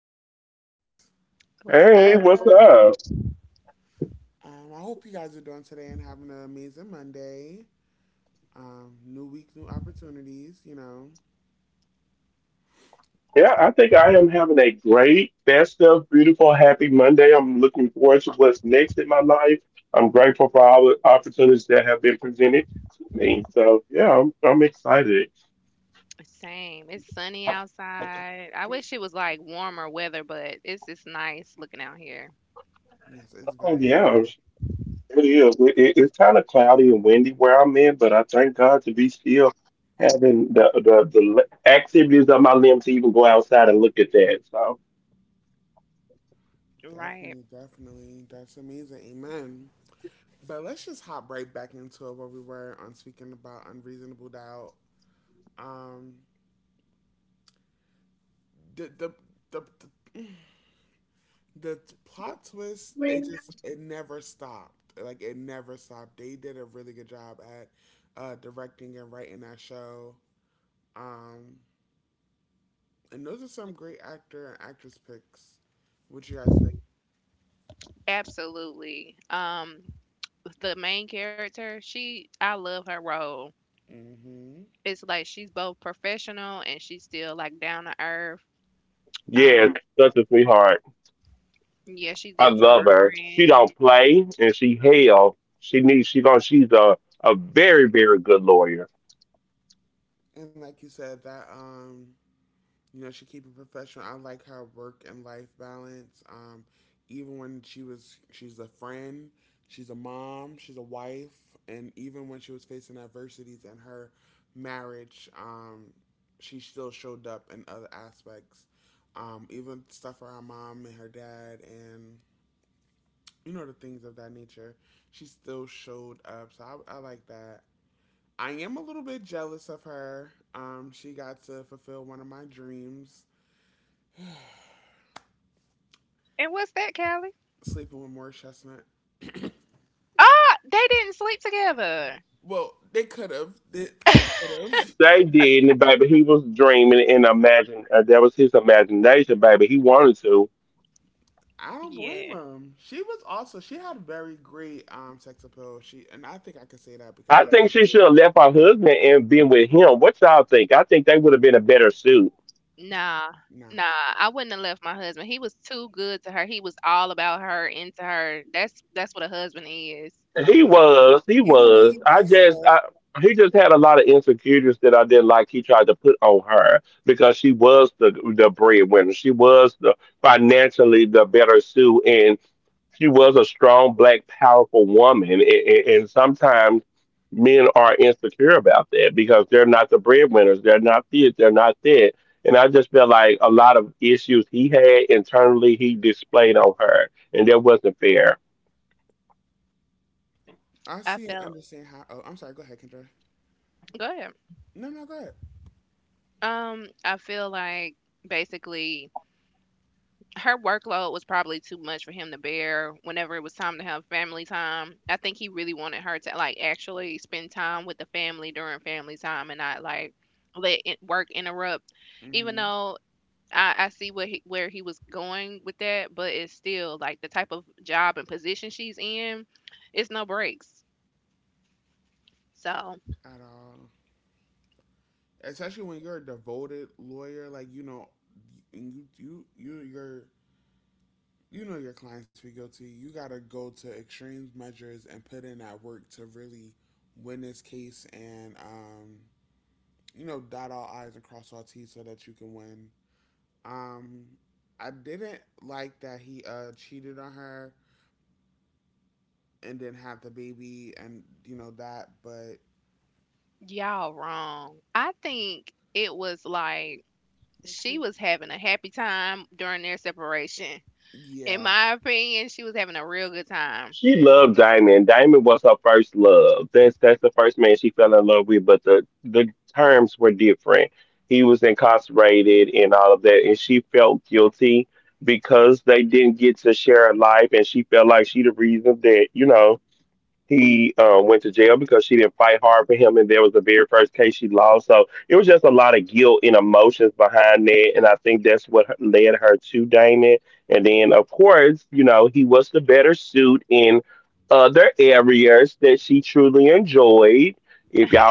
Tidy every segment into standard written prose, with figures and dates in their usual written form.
Hi guys. What's up? I hope you guys are doing today and having an amazing Monday. New week, new opportunities. Same. It's sunny outside. I wish it was like warmer weather, but it's nice looking out here. Yes, it's very Right. definitely, definitely. That's amazing. Amen. But let's just hop right back into where we were on speaking about unreasonable doubt. Um, the the the, the The plot twist, it just it never stopped. Like it never stopped. They did a really good job at directing and writing that show. Um, and those are some great actor and actress picks. What you guys think? Absolutely. The main character, she I love her role. Hmm. It's like she's both professional and she's still like down to earth. Um, yeah, she's there for her friends. And like you said, that you know, she keep it professional. I like her work and life balance. Even she's a friend, she's a mom, she's a wife, and even when she was facing adversities in her marriage, she still showed up in other aspects. Even stuff for her mom and her dad, and you know the things of that nature. She still showed up, so I like that. I am a little bit jealous of her. She got to fulfill one of my dreams And what's that, Callie? sleeping with Morris Chestnut. Ah, they didn't sleep together. Well, they could have. They could have. I don't blame Yeah. them. She was also she had very great sex appeal. She and I think I could say that because it's Nah, nah. nah, I wouldn't have left my husband. He was too good to her. He was all about her, into her. That's what a husband is. Mm. Even when he messed up, I I see and felt, understand how. Oh, I'm sorry. Go ahead, Kendra. go ahead. No, no, go ahead. I feel like basically her workload was probably too much for him to bear whenever it was time to have family time. I think he really wanted her to like actually spend time with the family during family time and not like let it, work interrupt. Even Mm-hmm. though I see what he, where he was going with that, but it's still like the type of job and position she's in, it's no breaks. So At all, especially when you're a devoted lawyer, like you know, you're you know your clients be guilty. You gotta go to extreme measures and put in that work to really win this case and you know dot all i's and cross all t's so that you can win. Um, I didn't like that he cheated on her and then have the baby and you know that, but y'all wrong. I think it was like she was having a happy time during their separation. In yeah, my opinion, she was having a real good time.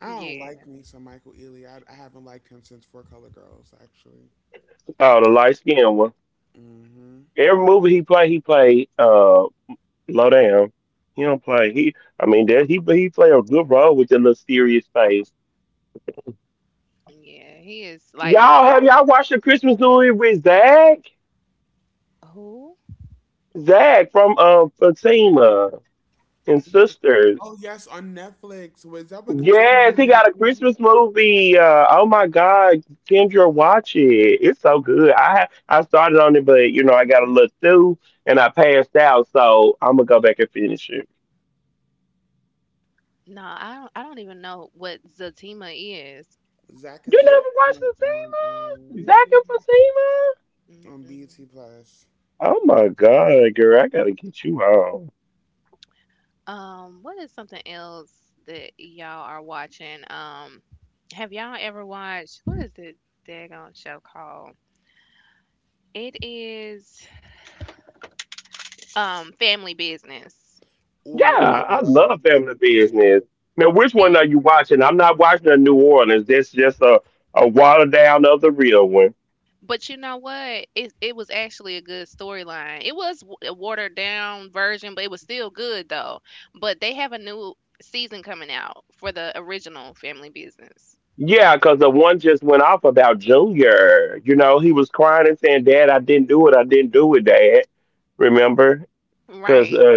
I don't Yeah, like me some Michael Ealy. I haven't liked him since Four Color Girls actually. Hmm. yeah, he is like to me. Who? Oh yes, on Netflix. Was that with Christina? No, I don't. I don't even know what Zatima is. Zach and Zip on um Mm-mm, on BT mm-mm. Plus. What is something else that y'all are watching? Have y'all ever watched what is the daggone show called? It is Family Business. Ooh, I love the family business. See? But you know what? It was actually a good storyline. It was a watered down version, but it was still good though. But they have a new season coming out for the original Family Business. Right.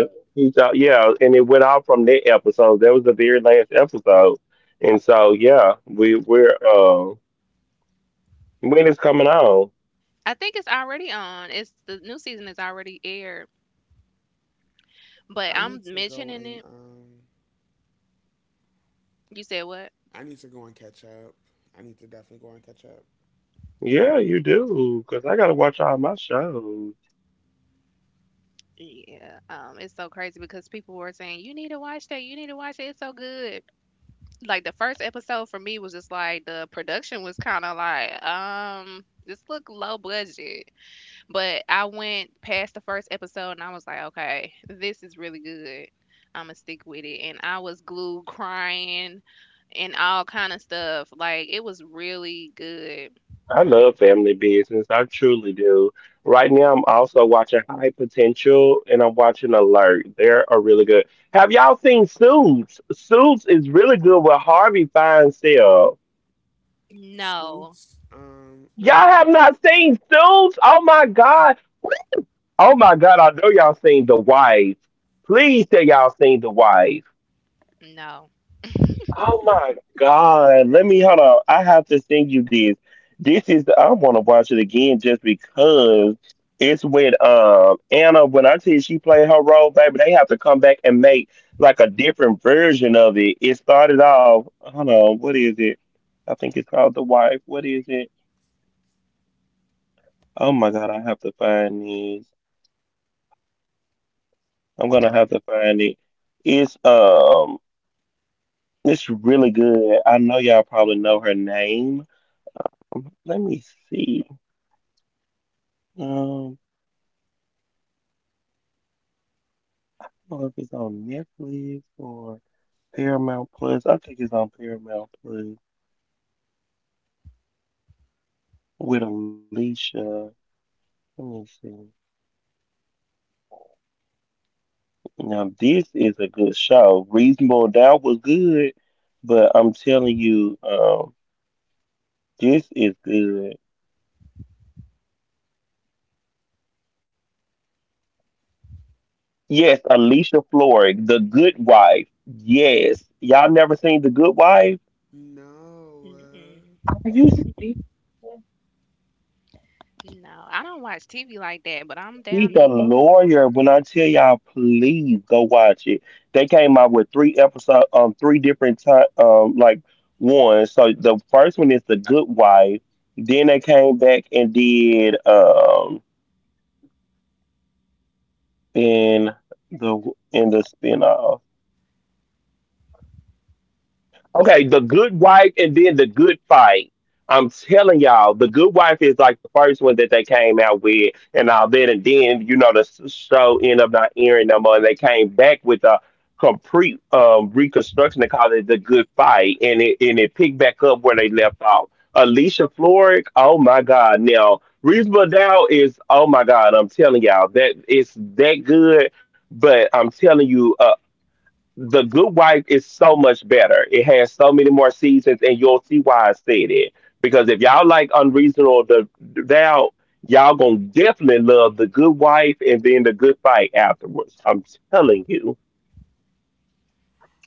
I think it's already on. It's the new season is already aired, but I need I'm to go mentioning and it. You said what? I need to go and catch up. I need to definitely go and catch up. Yeah, it's so crazy because people were saying you need to watch that, you need to watch it, it's so good. Like the first episode for me was just like the production was kind of like this look low budget, but I went past the first episode and I was like, okay, this is really good. I'm gonna stick with it, and I was glued crying and all kind of stuff. Like it was really good. No, Suits. I think no. no. Mm-mm. No, I don't watch TV like that, but I'm down to.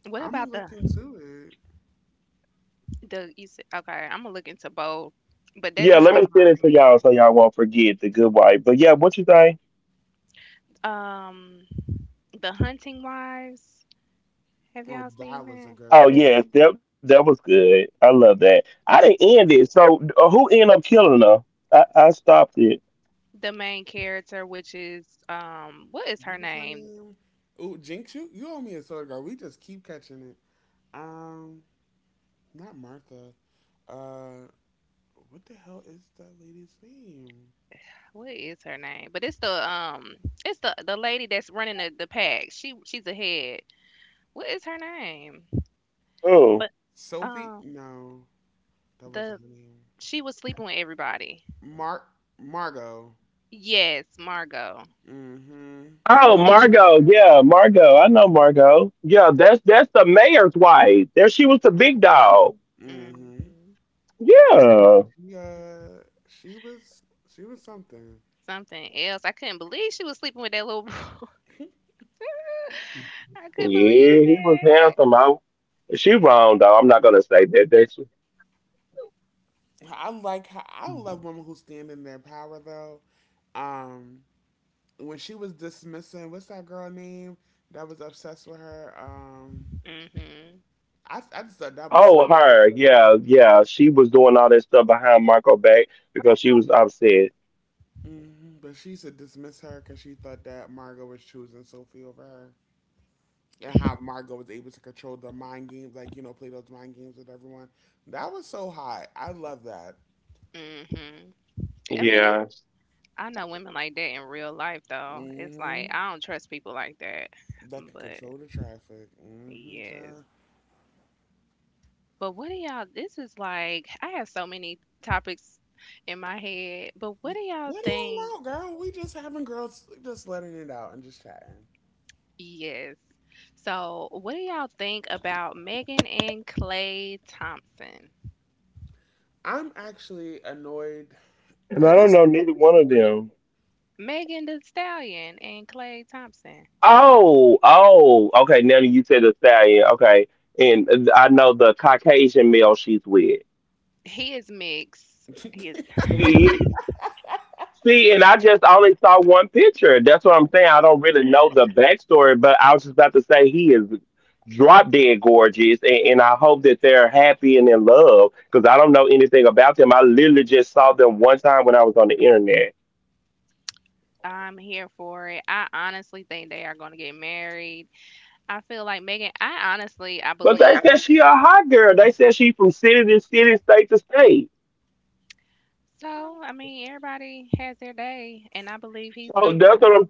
What I'm gonna about the look into it. the you said, okay, I'm gonna look into both, but that just reminded me. Um, The Hunting Wives. Have Oh, y'all seen that was a that? good one. The main character, which is what is her What was her name? name? Ooh, Jinx, you owe me a soda girl. We just keep catching it. Um, Not Martha. Uh, what the hell is that lady's name? What is her name? But it's the it's the lady that's running the pack. She's a head. What is her name? But Sophie? um, No, that the wasn't her name. she was sleeping with everybody. Mark Margot. Yes, Margot. Mm-hmm. Mm-hmm. Hmm She she was she was something. Something else. I couldn't believe she was sleeping with that little boy. I couldn't believe it. I like how I love women who stand in their power though. Um, when she was dismissing, what's that girl name that was obsessed with her? Um, Mhm. I I just thought that was so hmm. But she used to dismiss her because she thought that Margot was choosing Sophie over her. And how Margot was able to control the mind games, like, you know, play those mind games with everyone. That was so hot. I love that. Mhm. I mean, it's, I know women like that in real life though. It's like Hmm. I don't trust people like that. That could But control the traffic. Hmm, yes. child. But what do y'all? This is like I have so many topics in my head. But what L- do y'all Let it think? all out, girl. We just having girls just letting it out and just chatting. Yes. So what do y'all think about Megan and Clay Thompson? I'm actually annoyed because this is free Tory. Megan the Stallion and Clay Thompson. He is mixed. He is, I'm here for it. I honestly think they are going to get married. I feel like Megan, I honestly, I believe. So, I mean, everybody has their day, and I believe he's going to be the one.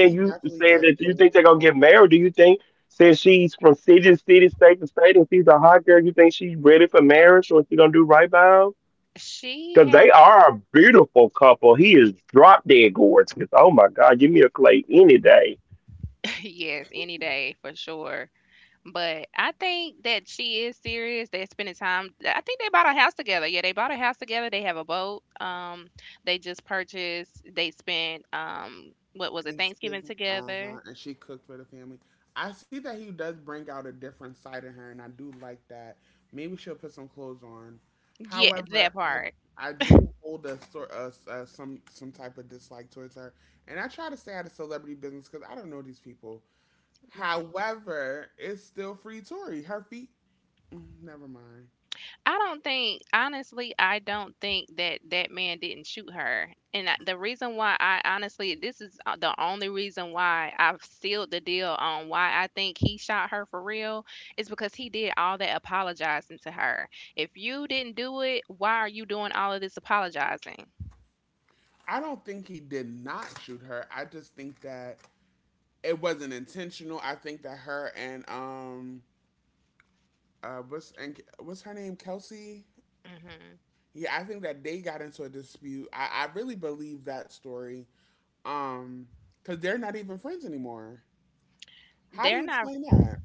He definitely Mm. does bring She has, yes, any day for sure. But I think that she is serious. They're spending time. I think they bought a house together. Yeah, they bought a house together. They have a boat. They just purchased. They spent what was it, Thanksgiving Thanksgiving. Uh together? huh. And she cooked for the family. I see that he does bring out a different side in her, and I do like that. Maybe she'll put some clothes on. Yeah, that However, part. I do hold a sort of some type of dislike towards her, and I try to stay out of celebrity business because I don't know these people. Right. However, it's still free Tory. Her feet. Mm, never mind. I don't think, honestly, I don't think that that man didn't shoot her. And I, the reason why I honestly, this is the only reason why I've sealed the deal on why I think he shot her for real is because he did all that apologizing to her. If you didn't do it, why are you doing all of this apologizing? I don't think he did not shoot her. I just think that it wasn't intentional. I think that her and what's and what's her name? Kelsey. Hmm Yeah, I think that they got into a dispute. I really believe that story. Um, because they're not even friends anymore. How do They're you not, explain that?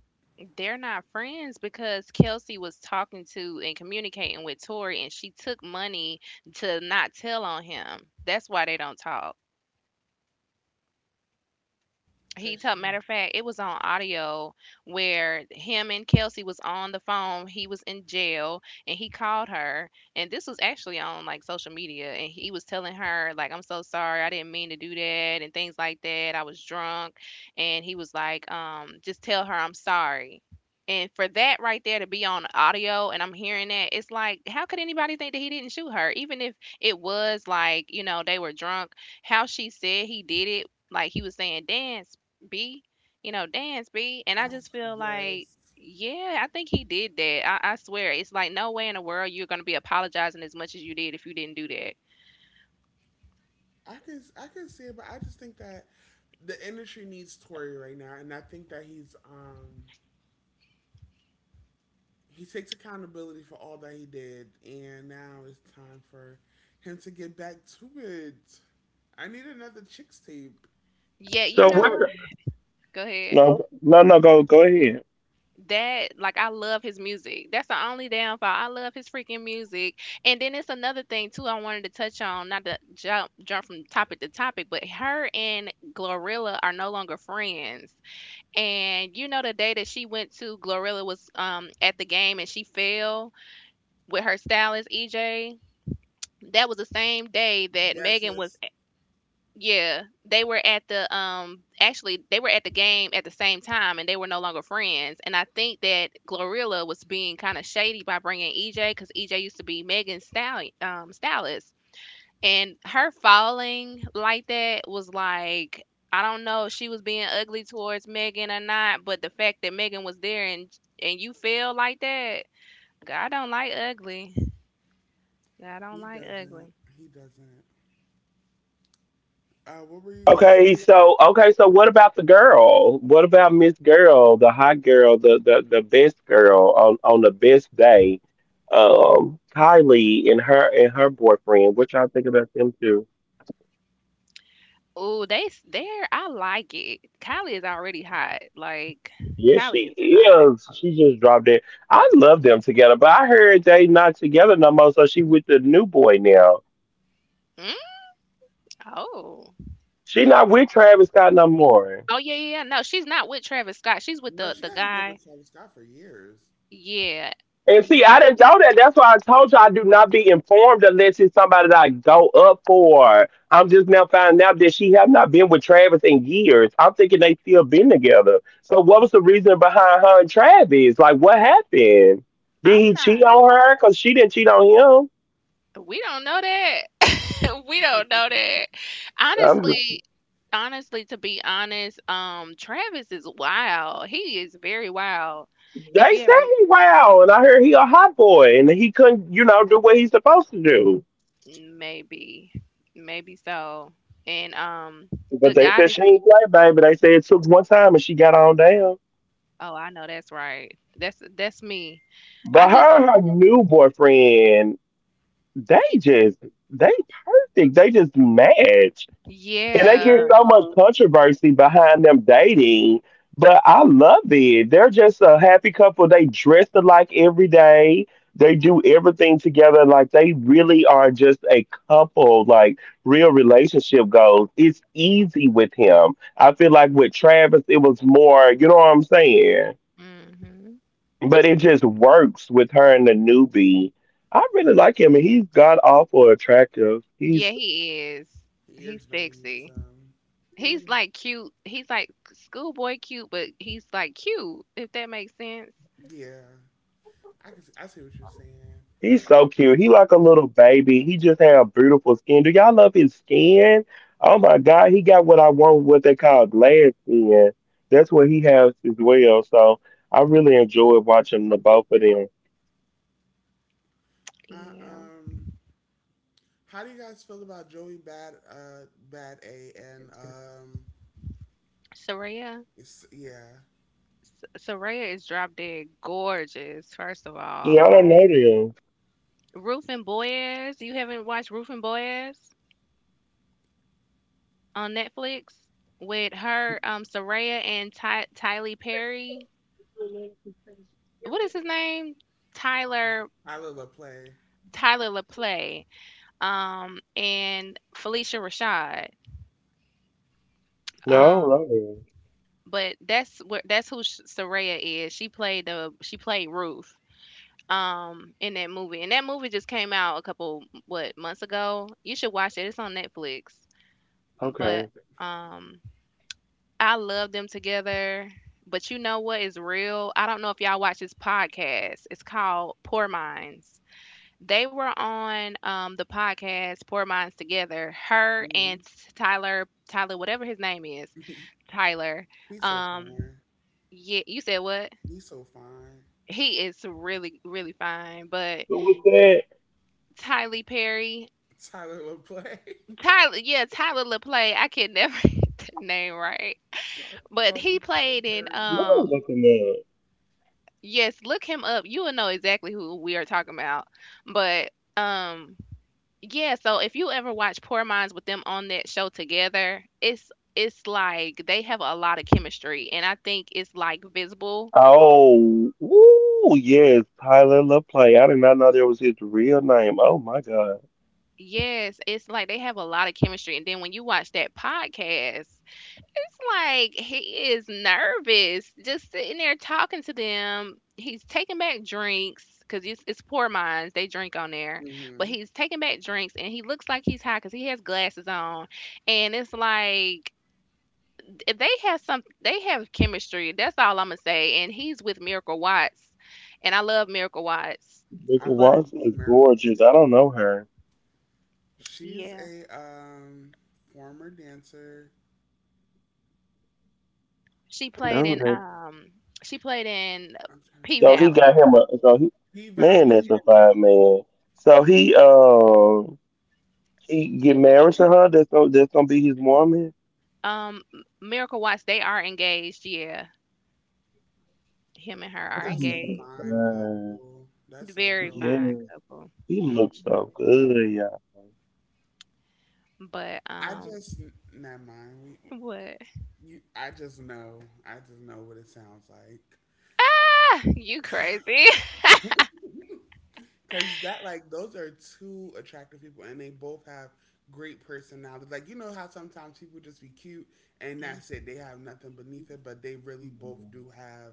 they're not friends because Kelsey was talking to and communicating with Tori, and she took money to not tell on him. That's why they don't talk. He Because told, she's matter of fact, it was on audio where him and Kelsey was on the phone. He was in jail and he called her. And this was actually on like social media. And he was telling her, like, I'm so sorry, I didn't mean to do that and things like that. I was drunk. And he was like, just tell her I'm sorry. And for that right there to be on audio and I'm hearing that, it's like, how could anybody think that he didn't shoot her? Even if it was like, you know, they were drunk, how she said he did it, like he was saying, Dan B, you know, dance B. And I like, just feel like, yes, yeah, I think he did that. I swear. It's like no way in the world you're gonna be apologizing as much as you did if you didn't do that. I can see it, but I just think that the industry needs Tory right now, and I think that he's he takes accountability for all that he did, and now it's time for him to get back to it. I need another chicks tape. Yeah, you know what? Go ahead. That, like, I love his music. That's the only downfall. I love his freaking music. And then it's another thing too I wanted to touch on, not to jump from topic to topic, but her and Glorilla are no longer friends. And you know the day that she went to Glorilla, was at the game and she fell with her stylist EJ. That was the same day that Yes, Megan was, yes, yeah, they were at the actually they were at the game at the same time and they were no longer friends. And I think that Glorilla was being kind of shady by bringing EJ cuz EJ used to be Megan's style stylist. And her falling like that was like, I don't know if she was being ugly towards Megan or not, but the fact that Megan was there and you feel like that, God, I don't like ugly. I don't he like doesn't. ugly. He doesn't. What were you gonna? Ooh, they s there I like it. Kylie is already hot, like, Kylie is hot. Mm? Oh. Oh, yeah, yeah, yeah, no, she's not with Travis Scott, she's with No, she the hasn't been with guy. Travis Scott for years. Yeah, yeah. I'm not, we don't know that. We don't know that. Honestly Honestly, to be honest, Travis is wild, he is very wild. If you ever, maybe, maybe so, and, the guy that, oh, I know that's right. That's me. I just, he, yeah. hmm Yeah, he is. He is He's very sexy. handsome. He's like cute. He's like schoolboy cute, but he's like cute, if that makes sense. Yeah, I can. I see what you're saying. Uh, Yeah. um, how do you guys feel about Joey Bad Bad A and Soraya. it's, yeah Soraya is drop dead gorgeous, first of all. Rufin Boyaz. You haven't watched Rufin Boyaz on Netflix? With her, Soraya and Ty Tylee Perry. What is his name? Tyler, Tyler LaPlay? Tyler LaPlay, and Felicia Rashad. Um, but that's who Soraya is. She played Ruth in that movie. And that movie just came out a couple, what, months ago. You should watch it. It's on Netflix. But um I love them together. But you know what is real? I don't know if y'all watch this podcast. It's called Poor Minds. They were on the podcast Poor Minds Together. Her Hmm. and Tyler, whatever his name is, Tyler. He's so Um, fine. yeah, you said what? He's so fine. He is really, really fine, but Tyler Perry, Tyler LaPlay. Yeah, Tyler LaPlay. I can never get the name right, Call but call he him Tyler played in. Perry. Yes, look him up. You will know exactly who we are talking about. But um, yeah, so if you ever watch Poor Minds with them on that show together, it's like they have a lot of chemistry and I think it's like visible. Yes, it's like they have a lot of chemistry and then when you watch that podcast, it's like he is nervous just sitting there talking to them. He's taking back drinks cuz it's Poor Minds, they drink on there. But Hmm. he's taking back drinks and he looks like he's high cuz he has glasses on and it's like they have chemistry. That's all I'm gonna say. And he's with Miracle Watts, and I love Miracle Watts. I love But Miss America. She's yeah, a former dancer. she played in um she played in I'm trying to P think. Valley. P Valley and Um, Miracle Watts. They are engaged. Yeah, him and her are that's a engaged. fine couple. That's a Very real fine fine couple. Mhm. But couple. I just never mind. what? We, you, I just know. I just know what it sounds like. Ah, you crazy. Cause that like those are two attractive people, and they both have great personalities. Like you know how sometimes people just be cute and Mm, that's it. They have nothing beneath it, but they really both do have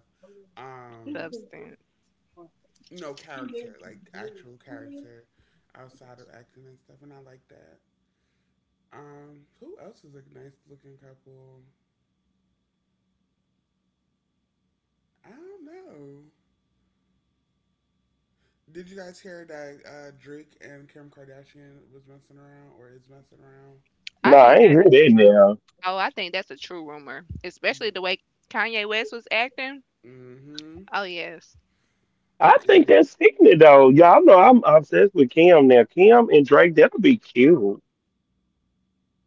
um substance. no character, like actual character outside of acting and stuff, and I like that. Who else is a nice looking couple? I don't know. Did you guys hear that Drake and Kim Kardashian was messing around or is messing around? I think that's true. Oh, I think that's a true rumor, Yeah. especially the way Kanye West was acting. Mm-hmm. Oh yes. And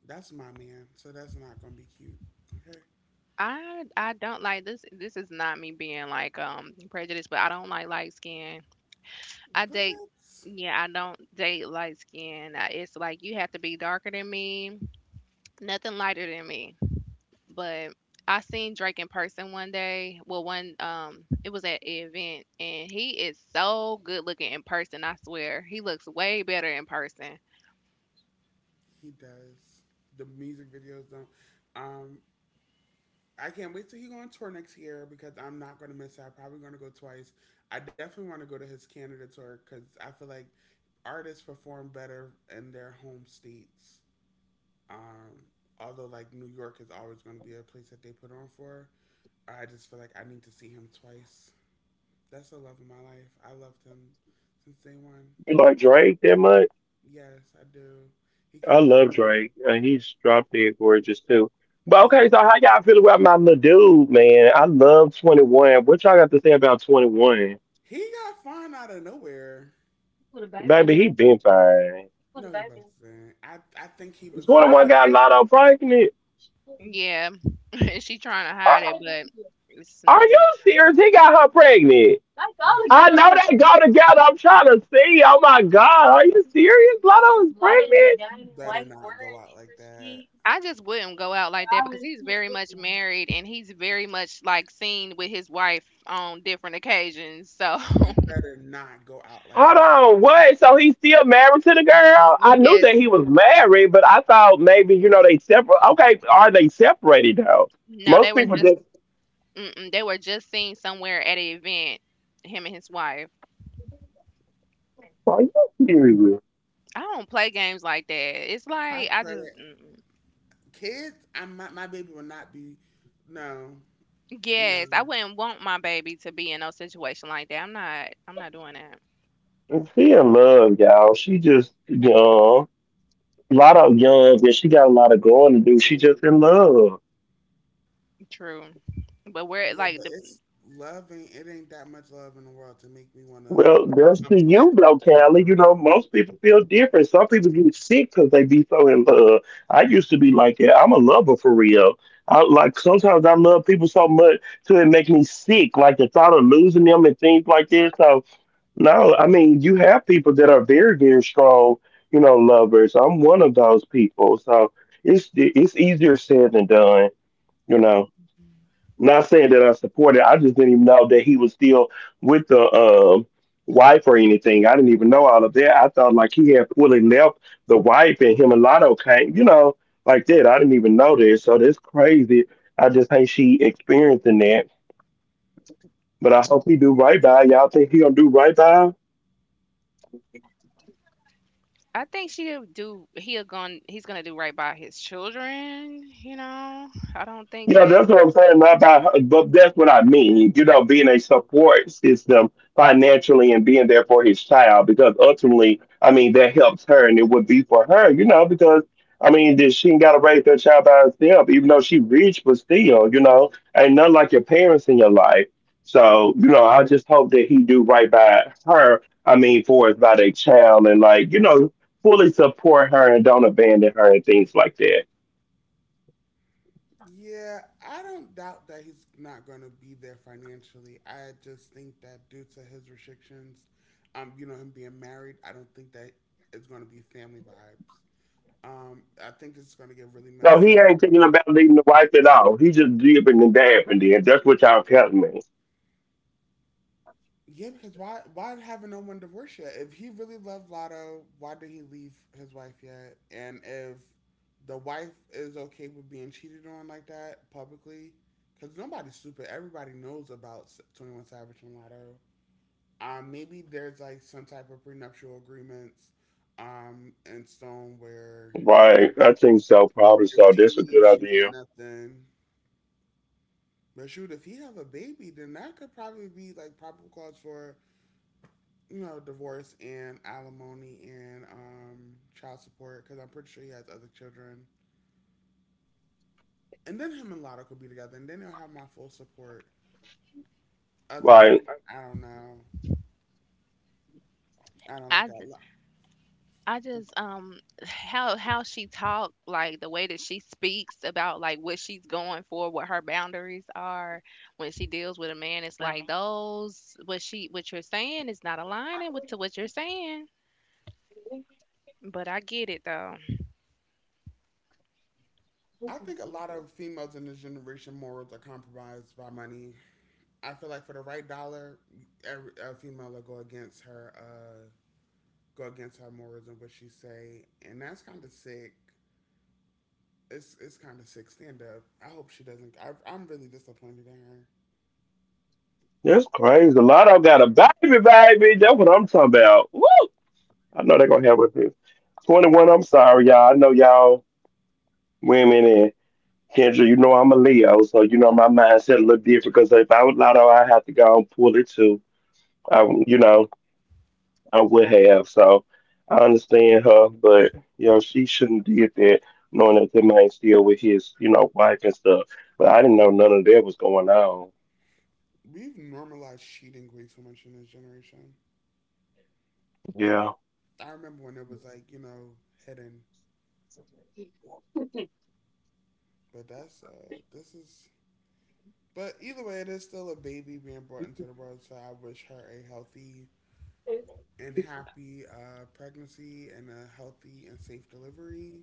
that's my man, so that's not gonna be cute. Okay. I don't like this is not me being like prejudiced, but I don't like light skin. I date, But yeah, I don't date light skin. It's like you have to be darker than me, nothing lighter than me. But I seen Drake in person one day. Well, one it was at an event, and he is so good looking in person, I swear. He looks way better in person. he does. The music videos don't. Um, I can't wait till he go on tour next year because I'm not gonna miss out. Probably gonna go twice. I definitely want to go to his Canada tour because I feel like artists perform better in their home states. Um, Although like New York is always gonna be a place that they put on for. I just feel like I need to see him twice. That's the love of my life. I loved him since day one. Yes, I do. He can do. He can, he got fine out of nowhere. No, he wasn't. I think he was a. Yeah, she trying to hide it, but it's nothing. Better not go out like that. I just wouldn't go out like that because he's very much married and he's very much like seen with his wife on different occasions. So She better not go out like that. yes, no, they were just, seen somewhere at an event. Him and his wife. I don't play games like that. It's I like I just, credit mm-mm. kids. I my baby will not be. No, no. Yes, I wouldn't want my baby to be in no situation like that. I'm not. I'm not doing that. True, but we're Yeah, but like the it's love ain't it ain't that much love in the world to make me want to come second to him. I think she'll do he's gonna do right by his children. I don't think that. Yeah, I don't doubt that he's not going to be there financially. I just think that due to his restrictions, you know, him being married, I don't think that it's going to be family vibes. I think it's going to get really messy. Yeah, because why haven't no one divorced yet? If he really loved Lotto, why did he leave his wife yet? And if the wife is okay with being cheated on like that publicly, because nobody's stupid. Everybody knows about 21 Savage and Lotto. Maybe there's like some type of prenuptial agreements, in stone where if she leaves, she get nothing. But shoot, if he have a baby, then that could probably be like probable cause for you know, divorce and alimony and child support because I'm pretty sure he has other children. And then him and Lotto could be together, and then they'll have my full support. Other than I don't know, I don't like I that. j- I just um how she talk, like the way that she speaks about, like, what she's going for, what her boundaries are when she deals with a man, it's like those, what you're saying is not aligning with to what you're saying. But I get it though. I think a lot of females in this generation morals are compromised by money. I feel like for the right dollar, a female will go against her morals and what she say, and that's kind of sick. It's kind of sick. Stand up. I hope she doesn't. I'm really disappointed in her. We've normalized cheating way too much in this generation. I remember when it was like, you know, hidden. But that's this is but either way it is still a baby being brought into the world, so I wish her a healthy and happy pregnancy and a healthy and safe delivery.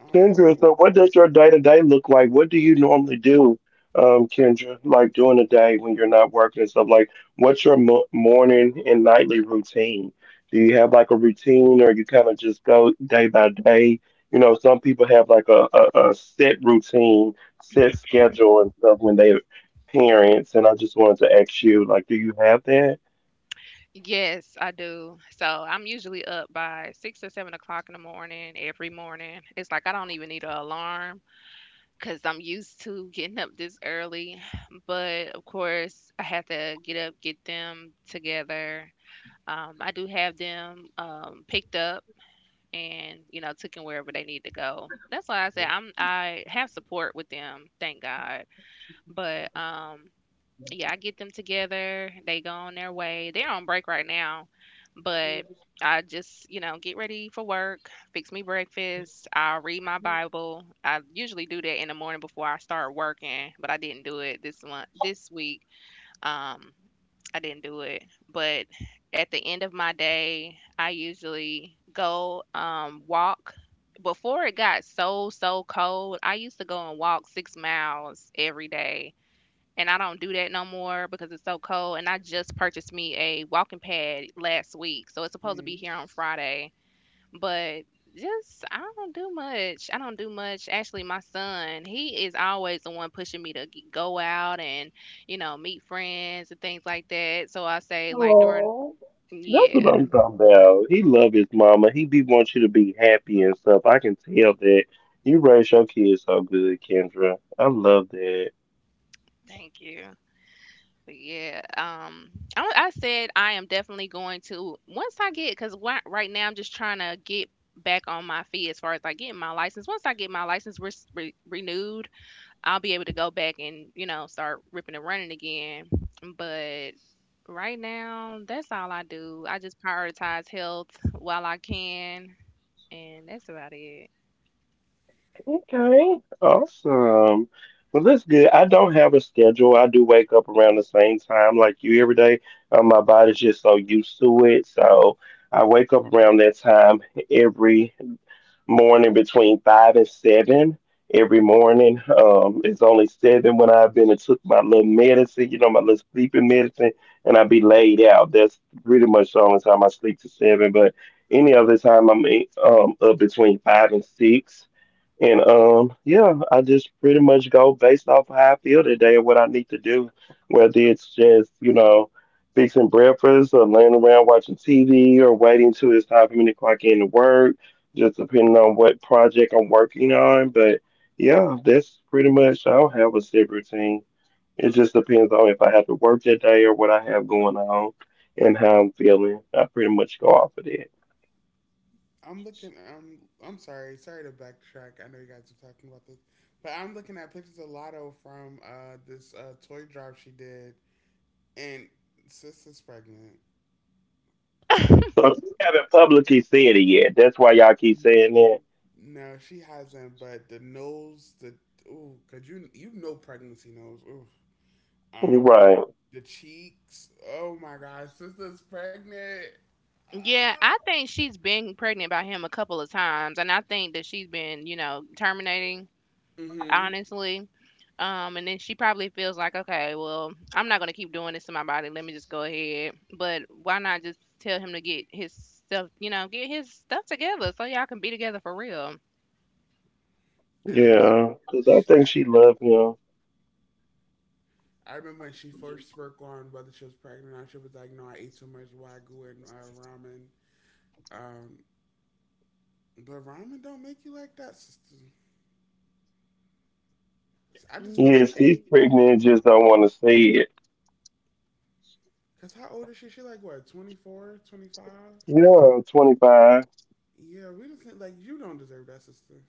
How Yes, I do. So I'm usually up by 6 or 7 o'clock in the morning every morning. It's like I don't even need an alarm, 'cause I'm used to getting up this early, but, of course, I have to get up, get them together. I do have them, picked up and, took 'em wherever they need to go. That's why I say I have support with them, thank God, but, yeah, I get them together. They go on their way. They're on break right now, but I just, get ready for work, fix me breakfast. I'll read my Bible. I usually do that in the morning before I start working, but I didn't do it this week. Um, I didn't do it. But at the end of my day, I usually go, walk. Before it got so, so cold, I used to go and walk 6 miles every day, and I don't do that no more because it's so cold. And I just purchased me a walking pad last week, so it's supposed to I be here on Friday. But just, I don't do much. I don't do much. Actually, my son, he is always the one pushing me to go out and, meet friends and things like that. So I say, like, during yeah, thank you. But yeah, I said I am definitely going to, once I get, because right now I'm just trying to get back on my feet as far as, like, getting my license. Once I get my license renewed, I'll be able to go back and, start ripping and running again. But right now, that's all I do. I just prioritize health while I can, and that's about it. I'm sorry, sorry to backtrack. I know you guys are talking about this. But I'm looking at pictures of Lotto from this toy drive she did and sis is pregnant. No, she hasn't. But the nose, the ooh, cause you know pregnancy nose. Ooh, um, the cheeks. Oh my God, sister's pregnant. Yeah, Ah. I think she's been pregnant by him a couple of times, and I think that she's been, terminating, Mm-hmm. honestly. And then she probably feels like, okay, well, I'm not gonna keep doing this to my body. Let me just go ahead. But why not just tell him to get his stuff, get his stuff together so y'all can be together for real? And then had, I remember when she first spoke on whether she was pregnant or not. She was like, "No, I ate too much wagyu and ramen." Um, but ramen don't make you like that, sister. I just No. feel like, Cause how old is she? She like what, 24, 25? Yeah, we just like you don't deserve that, sister.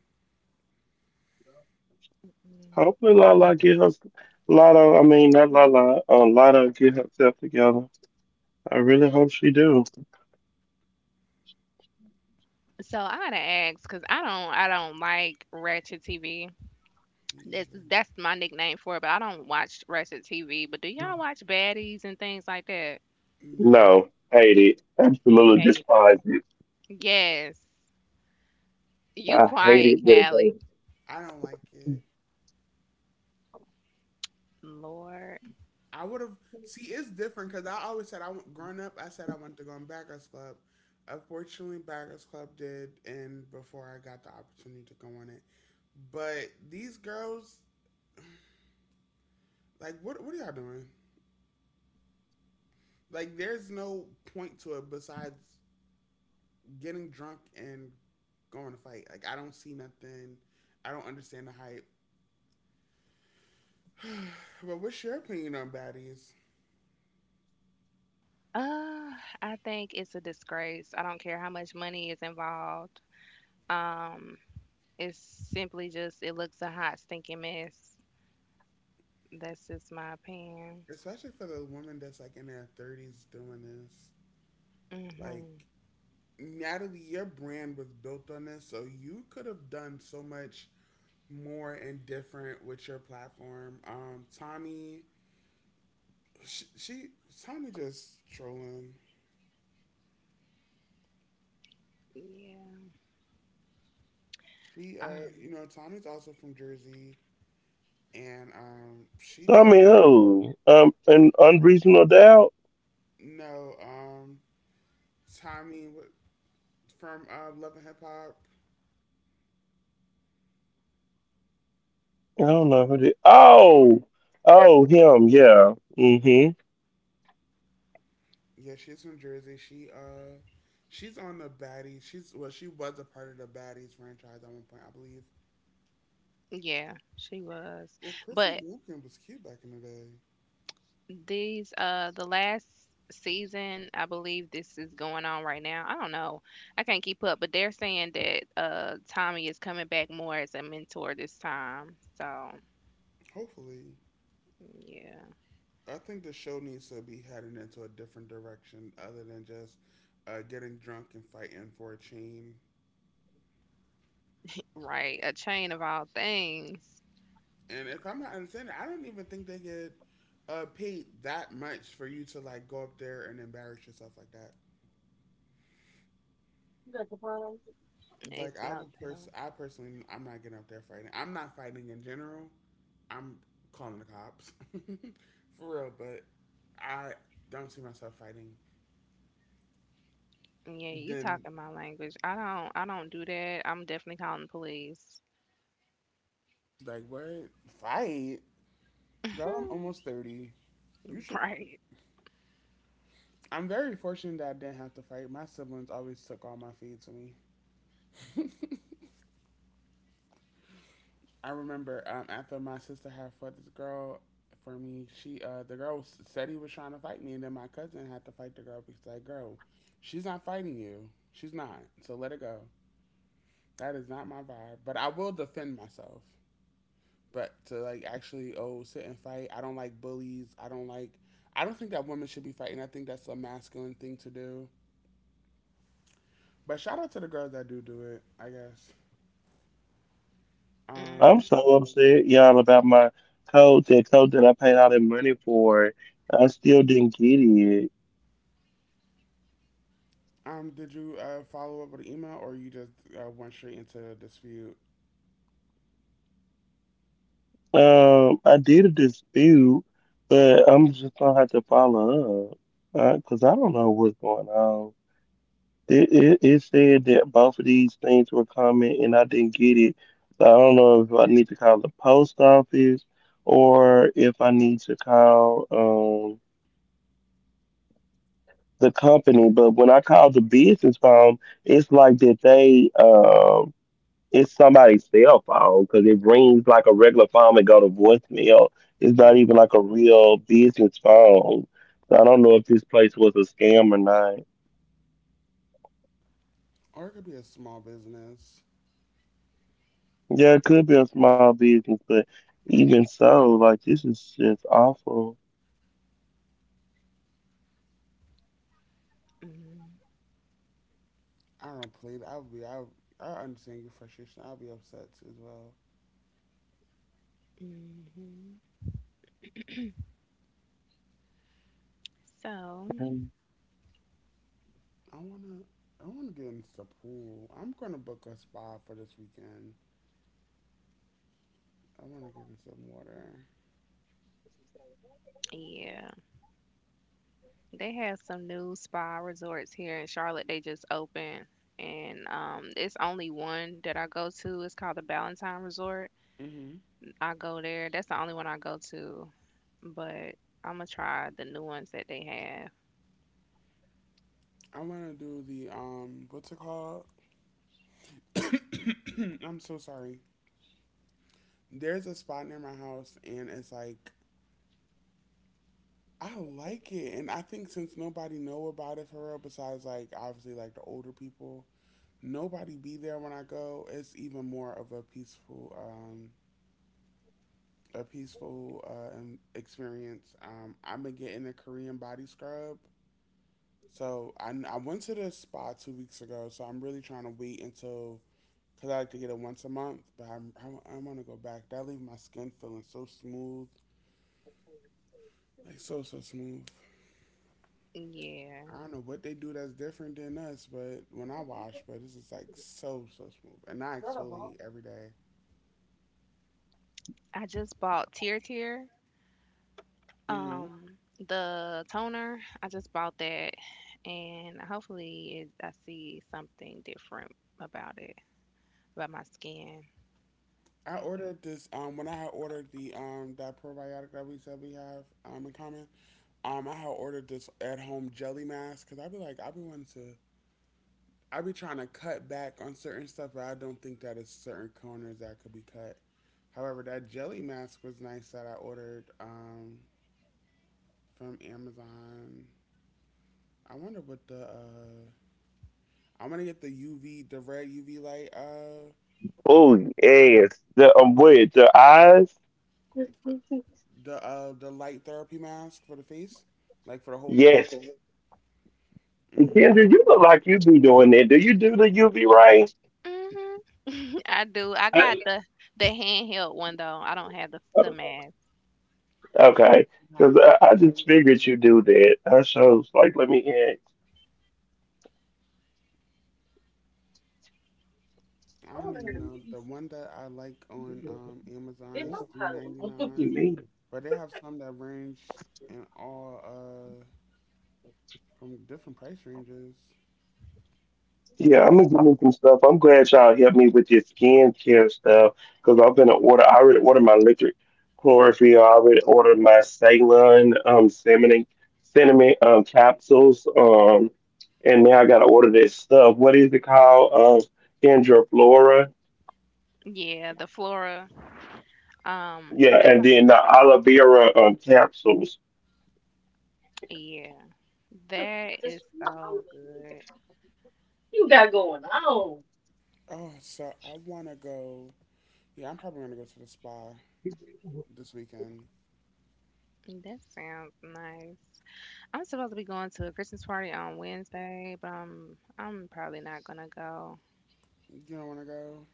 So I gotta ask, cause I don't like ratchet TV. Me That's either. that's my nickname for it. But I don't watch ratchet TV. But do y'all watch baddies and things like that? No, Hate it. Yes. You quiet, Callie. I don't like it. Lord. I would have. See, it's different because I always said I want. Growing up, I said I wanted to go in Baggers Club. Unfortunately, Baggers Club did, and before I got the opportunity to go on it. But these girls, like, what are y'all doing? Like, there's no point to it besides getting drunk and going to fight. Like, I don't see nothing. I don't understand the hype. But what's your opinion on baddies? Uh, I think it's a disgrace. I don't care how much money is involved. Um, it's simply just, it looks a hot stinking mess. That's just my opinion. Especially for the woman that's like in their thirties doing this. Like Mhm. Natalie, your brand was built on this, so you could have done so much more and different with your platform. Tommy, she Tommy just trolling. Yeah. She, Um, you know, Tommy's also from Jersey, and she does know Tommy from Love and Hip Hop. Yeah, she's from Jersey. She she's on the Baddies. She's well, she was a part of the Baddies franchise at one point, I believe. yeah, she was. Well, Chrissy But Walken was cute back in the day. The last season, I believe this is going on right now. I don't know. I can't keep up, but they're saying that Tommy is coming back more as a mentor this time. So, Hopefully, yeah. I think the show needs to be heading into a different direction other than just getting drunk and fighting for a chain. Right, a chain of all things. And if I'm not understanding, I don't even think they get paid that much for you to like go up there and embarrass yourself like that. Like It's I no would I personally, I'm not getting up there fighting. I'm not fighting in general. I'm calling the cops, for real. But I don't see myself fighting. telling. Yeah, you Then talking my language. I don't do that. I'm definitely calling the police. like what fight, girl? I'm almost thirty. You should. Right. I'm very fortunate that I didn't have to fight. My siblings always took all my feed to me. I remember after my sister had fought this girl for me, she the girl said he was trying to fight me, and then my cousin had to fight the girl because like, girl, she's not fighting you. She's not. So let it go. That is not my vibe. But I will defend myself. But to like actually oh sit and fight, I don't like bullies. I don't like. I don't think that women should be fighting. I think that's a masculine thing to do. But shout out to the girls that do do it. I guess. Mm, Um. Did you follow up with an email, or you just went straight into the dispute? Mm. Or it could be a small business. mm, I don't plead. I'll be. I understand your frustration. I'll be upset as well. mhm. So, I wanna. I wanna get into the pool. I'm gonna book a spa for this weekend. I wanna get in some water. yeah, they have some new spa resorts here in Charlotte. They just opened, and it's only one that I go to. It's called the Ballantine Resort. Hmm. I go there. That's the only one I go to, but I'm gonna try the new ones that they have. I wanna do the What's it called? I'm so sorry. There's a spot near my house, and it's like I like it, and I think since nobody know about it for real, besides like obviously like the older people, nobody be there when I go, it's even more of a peaceful experience. I've been getting a Korean body scrub. So I went to the spa 2 weeks ago. So I'm really trying to wait until because I like to get it once a month. But I want to go back. That leaves my skin feeling so smooth, like so so smooth. Yeah. I don't know what they do that's different than us, but when I wash, but this is like so so smooth, and I exfoliate every day. I just bought Tear Tear, Mhm. um, the toner. I just bought that, and hopefully, I see something different about it, about my skin. I ordered this when I had ordered the that probiotic that we said we have in common. I had ordered this at home jelly mask because I be wanting to I be trying to cut back on certain stuff, but I don't think that is certain corners that could be cut. However, that jelly mask was nice that I ordered from Amazon. I wonder what the I want to get the UV the red UV light for- the light therapy mask for the face, like for the whole face. Mm. Hmm. I do. I got the handheld one though. I don't have the mask. How do you like it? I don't even know. The one that I like on Amazon is 399, but they have some that range in all from different price ranges. Yeah, the Flora. That's, yeah. That is so good. Oh, so I wanna go. Yeah, I'm probably gonna go to the spa this weekend. That sounds nice. I'm supposed to be going to a Christmas party on Wednesday, but I'm probably not gonna go. You don't wanna go?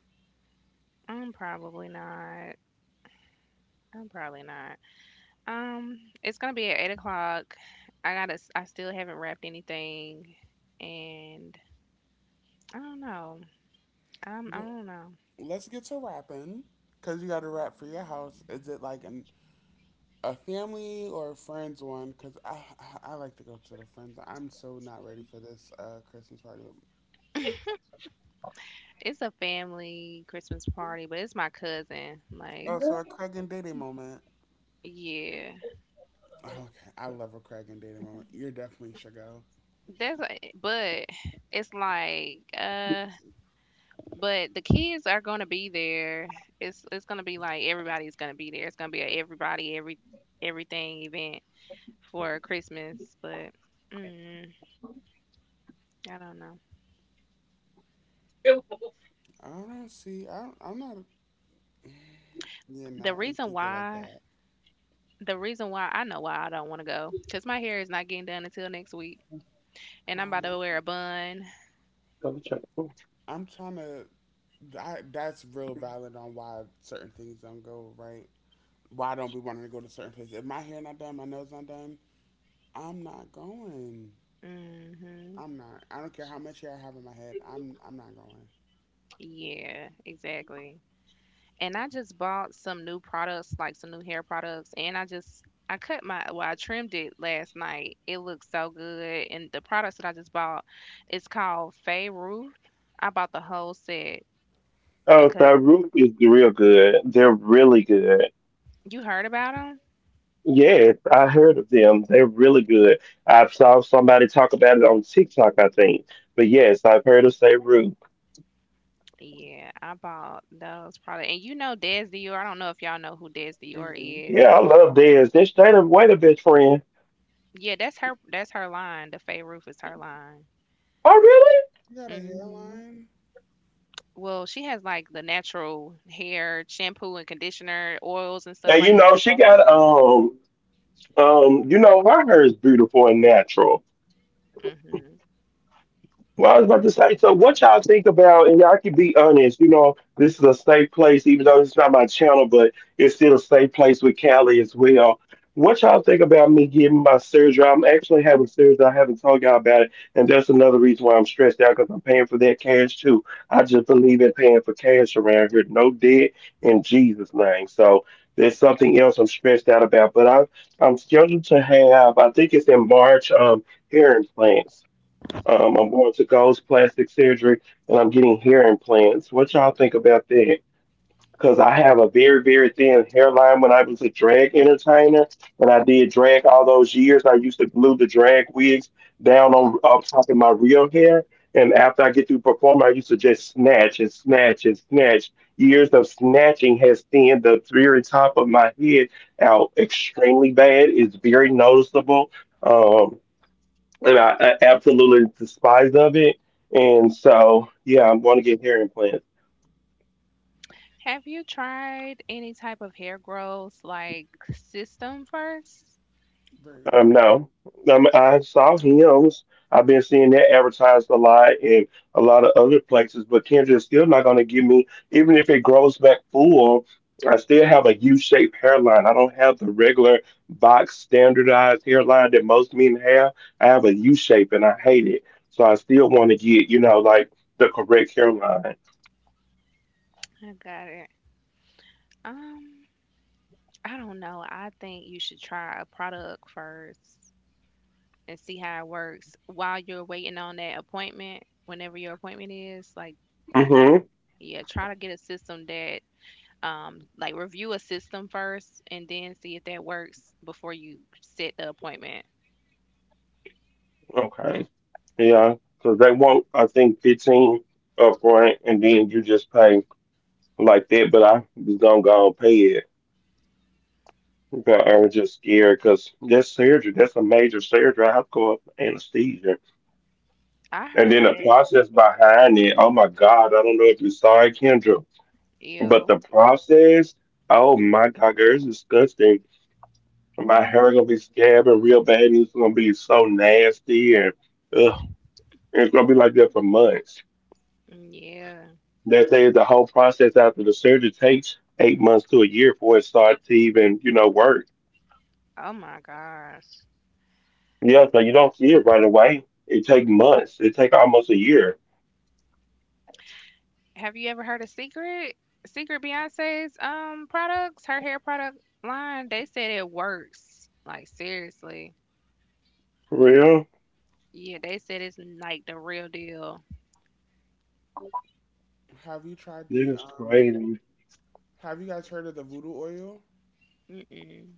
I'm probably not. I'm probably not. Um, it's gonna be at 8 o'clock. I gotta. I still haven't wrapped anything, and I don't know. I Well, don't know. let's get to rapping. Cause you got to rap for your house. Is it like an a family or a friends one? Cause I like to go to the friends. I'm so not ready for this Christmas party with. It's a family Christmas party, but it's my cousin. Oh, Like, so a Craig and Diddy moment. yeah. Oh, okay, I love a Craig and Diddy moment. You're definitely should go. That's. But it's like. But the kids are gonna be there. It's gonna be like everybody's gonna be there. It's gonna be a everybody, everything event for Christmas. But mm, I don't know. I don't see. I'm not. You The know, reason it get why like that. the reason why I know why I don't want to go because my hair is not getting done until next week, and I'm about Oh to my. wear a bun. I'm trying to. That's real valid on why certain things don't go right. Why I don't be wanting to go to certain places? If my hair not done, my nose not done, I'm not going. Hmm. I'm not. I don't care how much hair I have in my head. I'm not going. Yeah, exactly. And I just bought some new products, like some new hair products, and I just I cut my well, I trimmed it last night. It looks so good, and the products that I just bought, it's called Fay Roof. I bought the whole set because you heard about them. Yeah, I bought those products, and you know Des Dior. I don't know if y'all know who Des Dior Hmm. is. Yeah, that's her. That's her line. The Fay Roof is her line. You got a Hmm. hairline. Well, she has, like, the natural hair shampoo and conditioner, oils and stuff like that. Yeah. Mhm. Have you tried any type of hair growth, like, system first? Very. I got it. Um, I don't know. I think you should try a product first and see how it works while you're waiting on that appointment, whenever your appointment is. Like, yeah, try to get a system that, like, review a system first and then see if that works before you set the appointment. I heard that. Ew. Hmm. Yeah. Oh my gosh. Have you ever heard of Secret? Secret, Beyonce's products, her hair product line, they said it works. Like, seriously. Yeah, they said it's like the real deal. Have you tried the Have you guys heard of the voodoo oil? Mm-mm.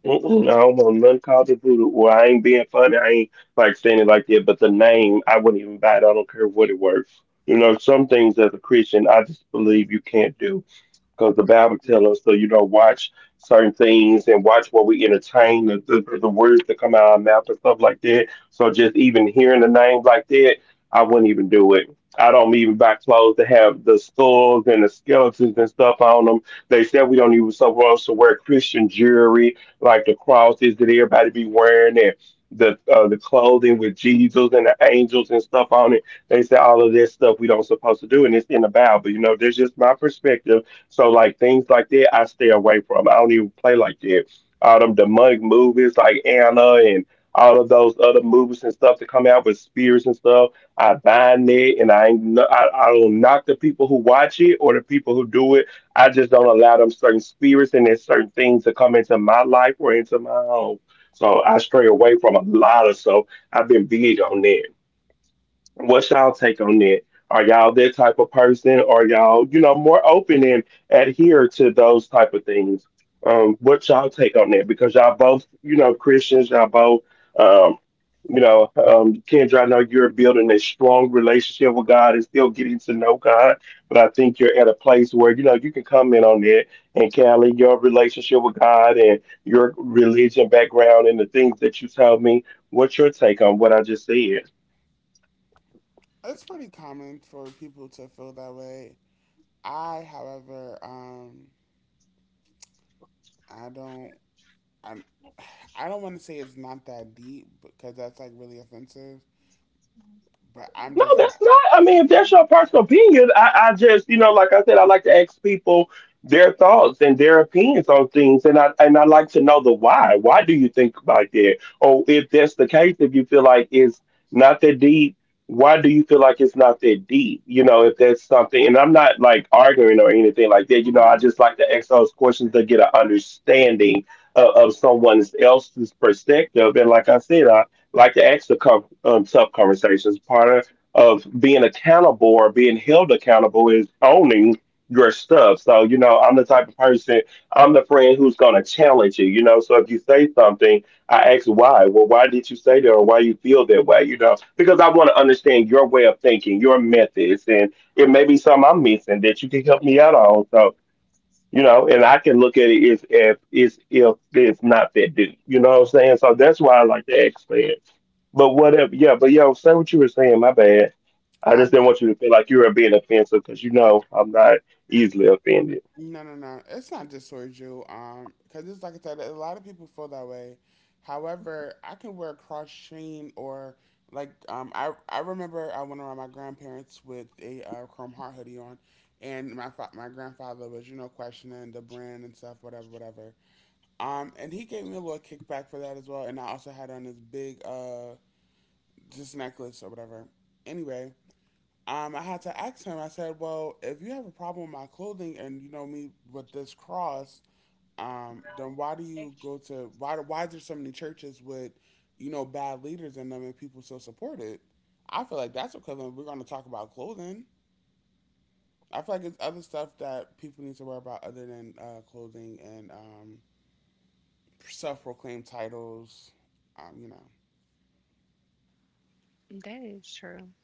It's pretty common for people to feel that way. I, however, I don't, I'm, I don't want to say it's not that deep because that's like really offensive. But I'm just not. Mhm. I No, no, no. It's not just towards you. Because it's like I said, a lot of people feel that way. However, I can wear a cross chain or like I remember I went around my grandparents with a chrome heart hoodie on, and my my grandfather was you know questioning the brand and stuff, whatever, whatever. And he gave me a little kickback for that as well. And I also had on this big this necklace or whatever. Anyway, I had to ask him. I said, "Well, if you have a problem with my clothing and you know me with this cross, then why do you go to why is there so many churches with you know bad leaders in them and people still support it? I feel like that's equivalent. We're going to talk about clothing. I feel like it's other stuff that people need to worry about other than clothing and self-proclaimed titles. You know, That is true.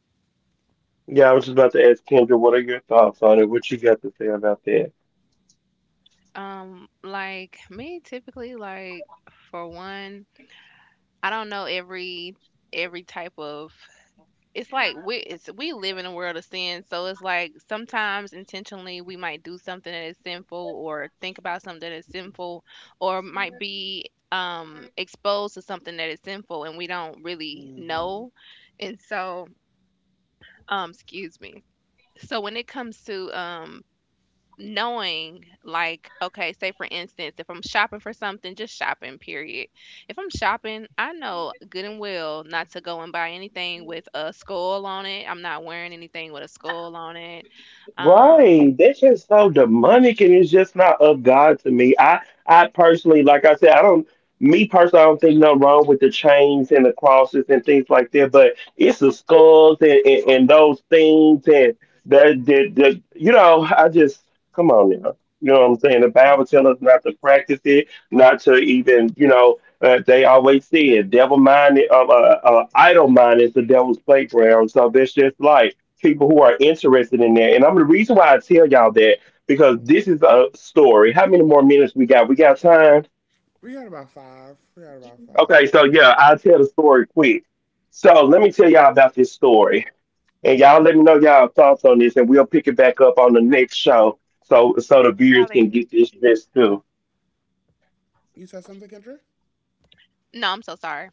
Like me, typically, like, for one, I don't know every type of, it's like, we live in a world of sin, so it's like sometimes intentionally we might do something that is sinful, or think about something that is sinful, or might be exposed to something that is sinful, and we don't really hmm know. And so, excuse me. So when it comes to, knowing, like, okay, say for instance, if I'm shopping for something, just shopping, period. If I'm shopping, I know good and well not to go and buy anything with a skull on it. I'm not wearing anything with a skull on it. um we got about five. We got about five. Sally. You said something, Kendra? No, I'm so sorry.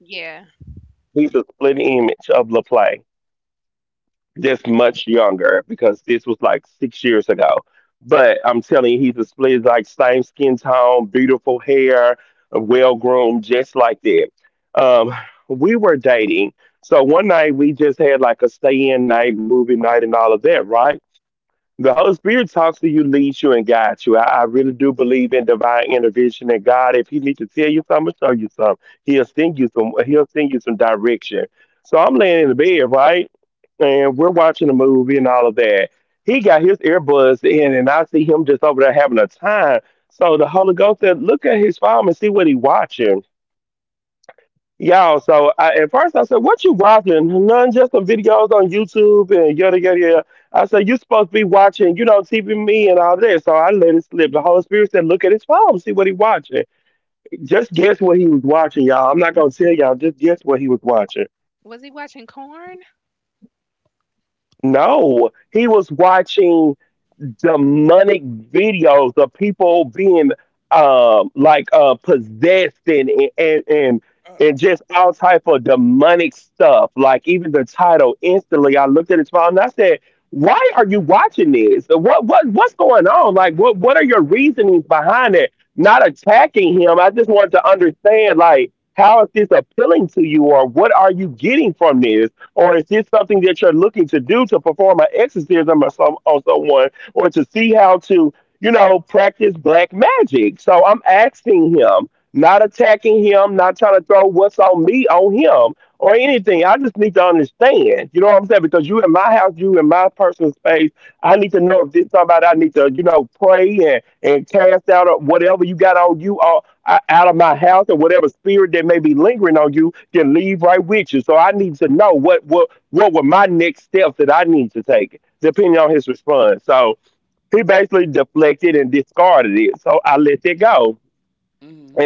Yeah. Was he watching corn? Uh, hmm.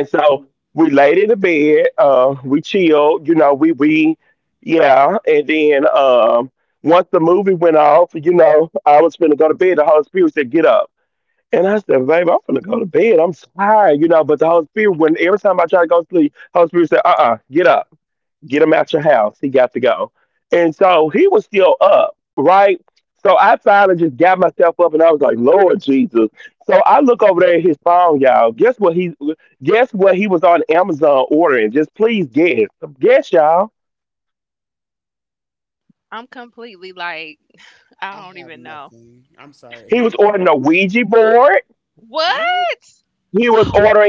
I'm completely, like, I I don't have even know nothing. I'm sorry. what. Really?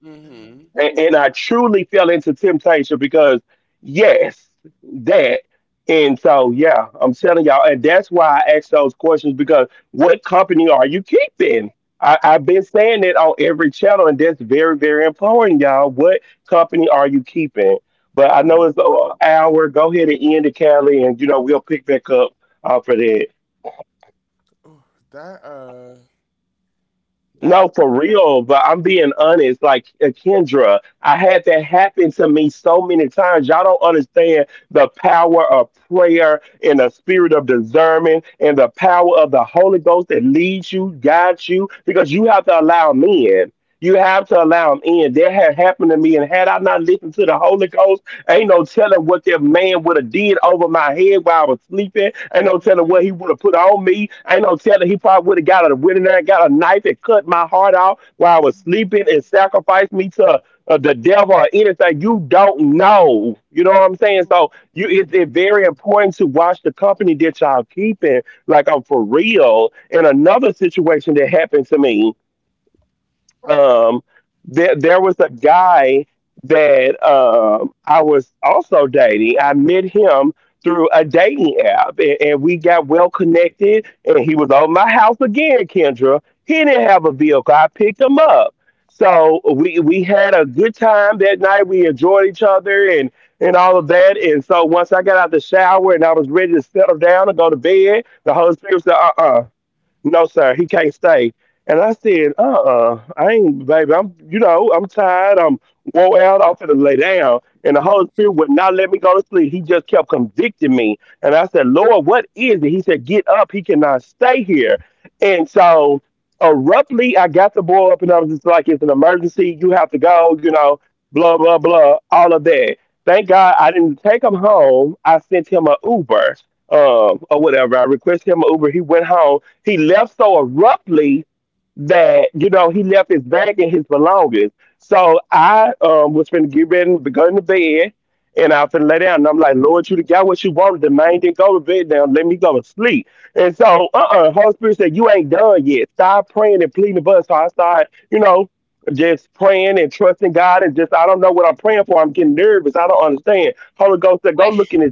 Mhm. Um, Oh, that that Mm. Mm. Mm. Ooh. mhm. Wait.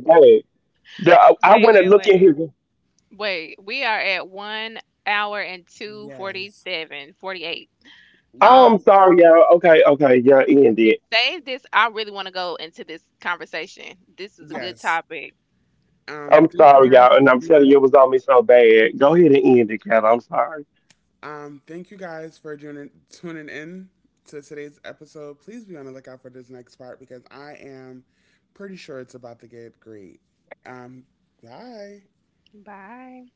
Wait, wait, wait. Wait, we are at 1 hour and two Yes. forty-seven, forty-eight. Um, Let's. Save this. I really want to go into this conversation. This is a good Yes. topic. Thank you guys for tuning thank you guys for tuning in to today's episode. Please be on the lookout for this next part because I am pretty sure it's about to get great. Um bye. Bye.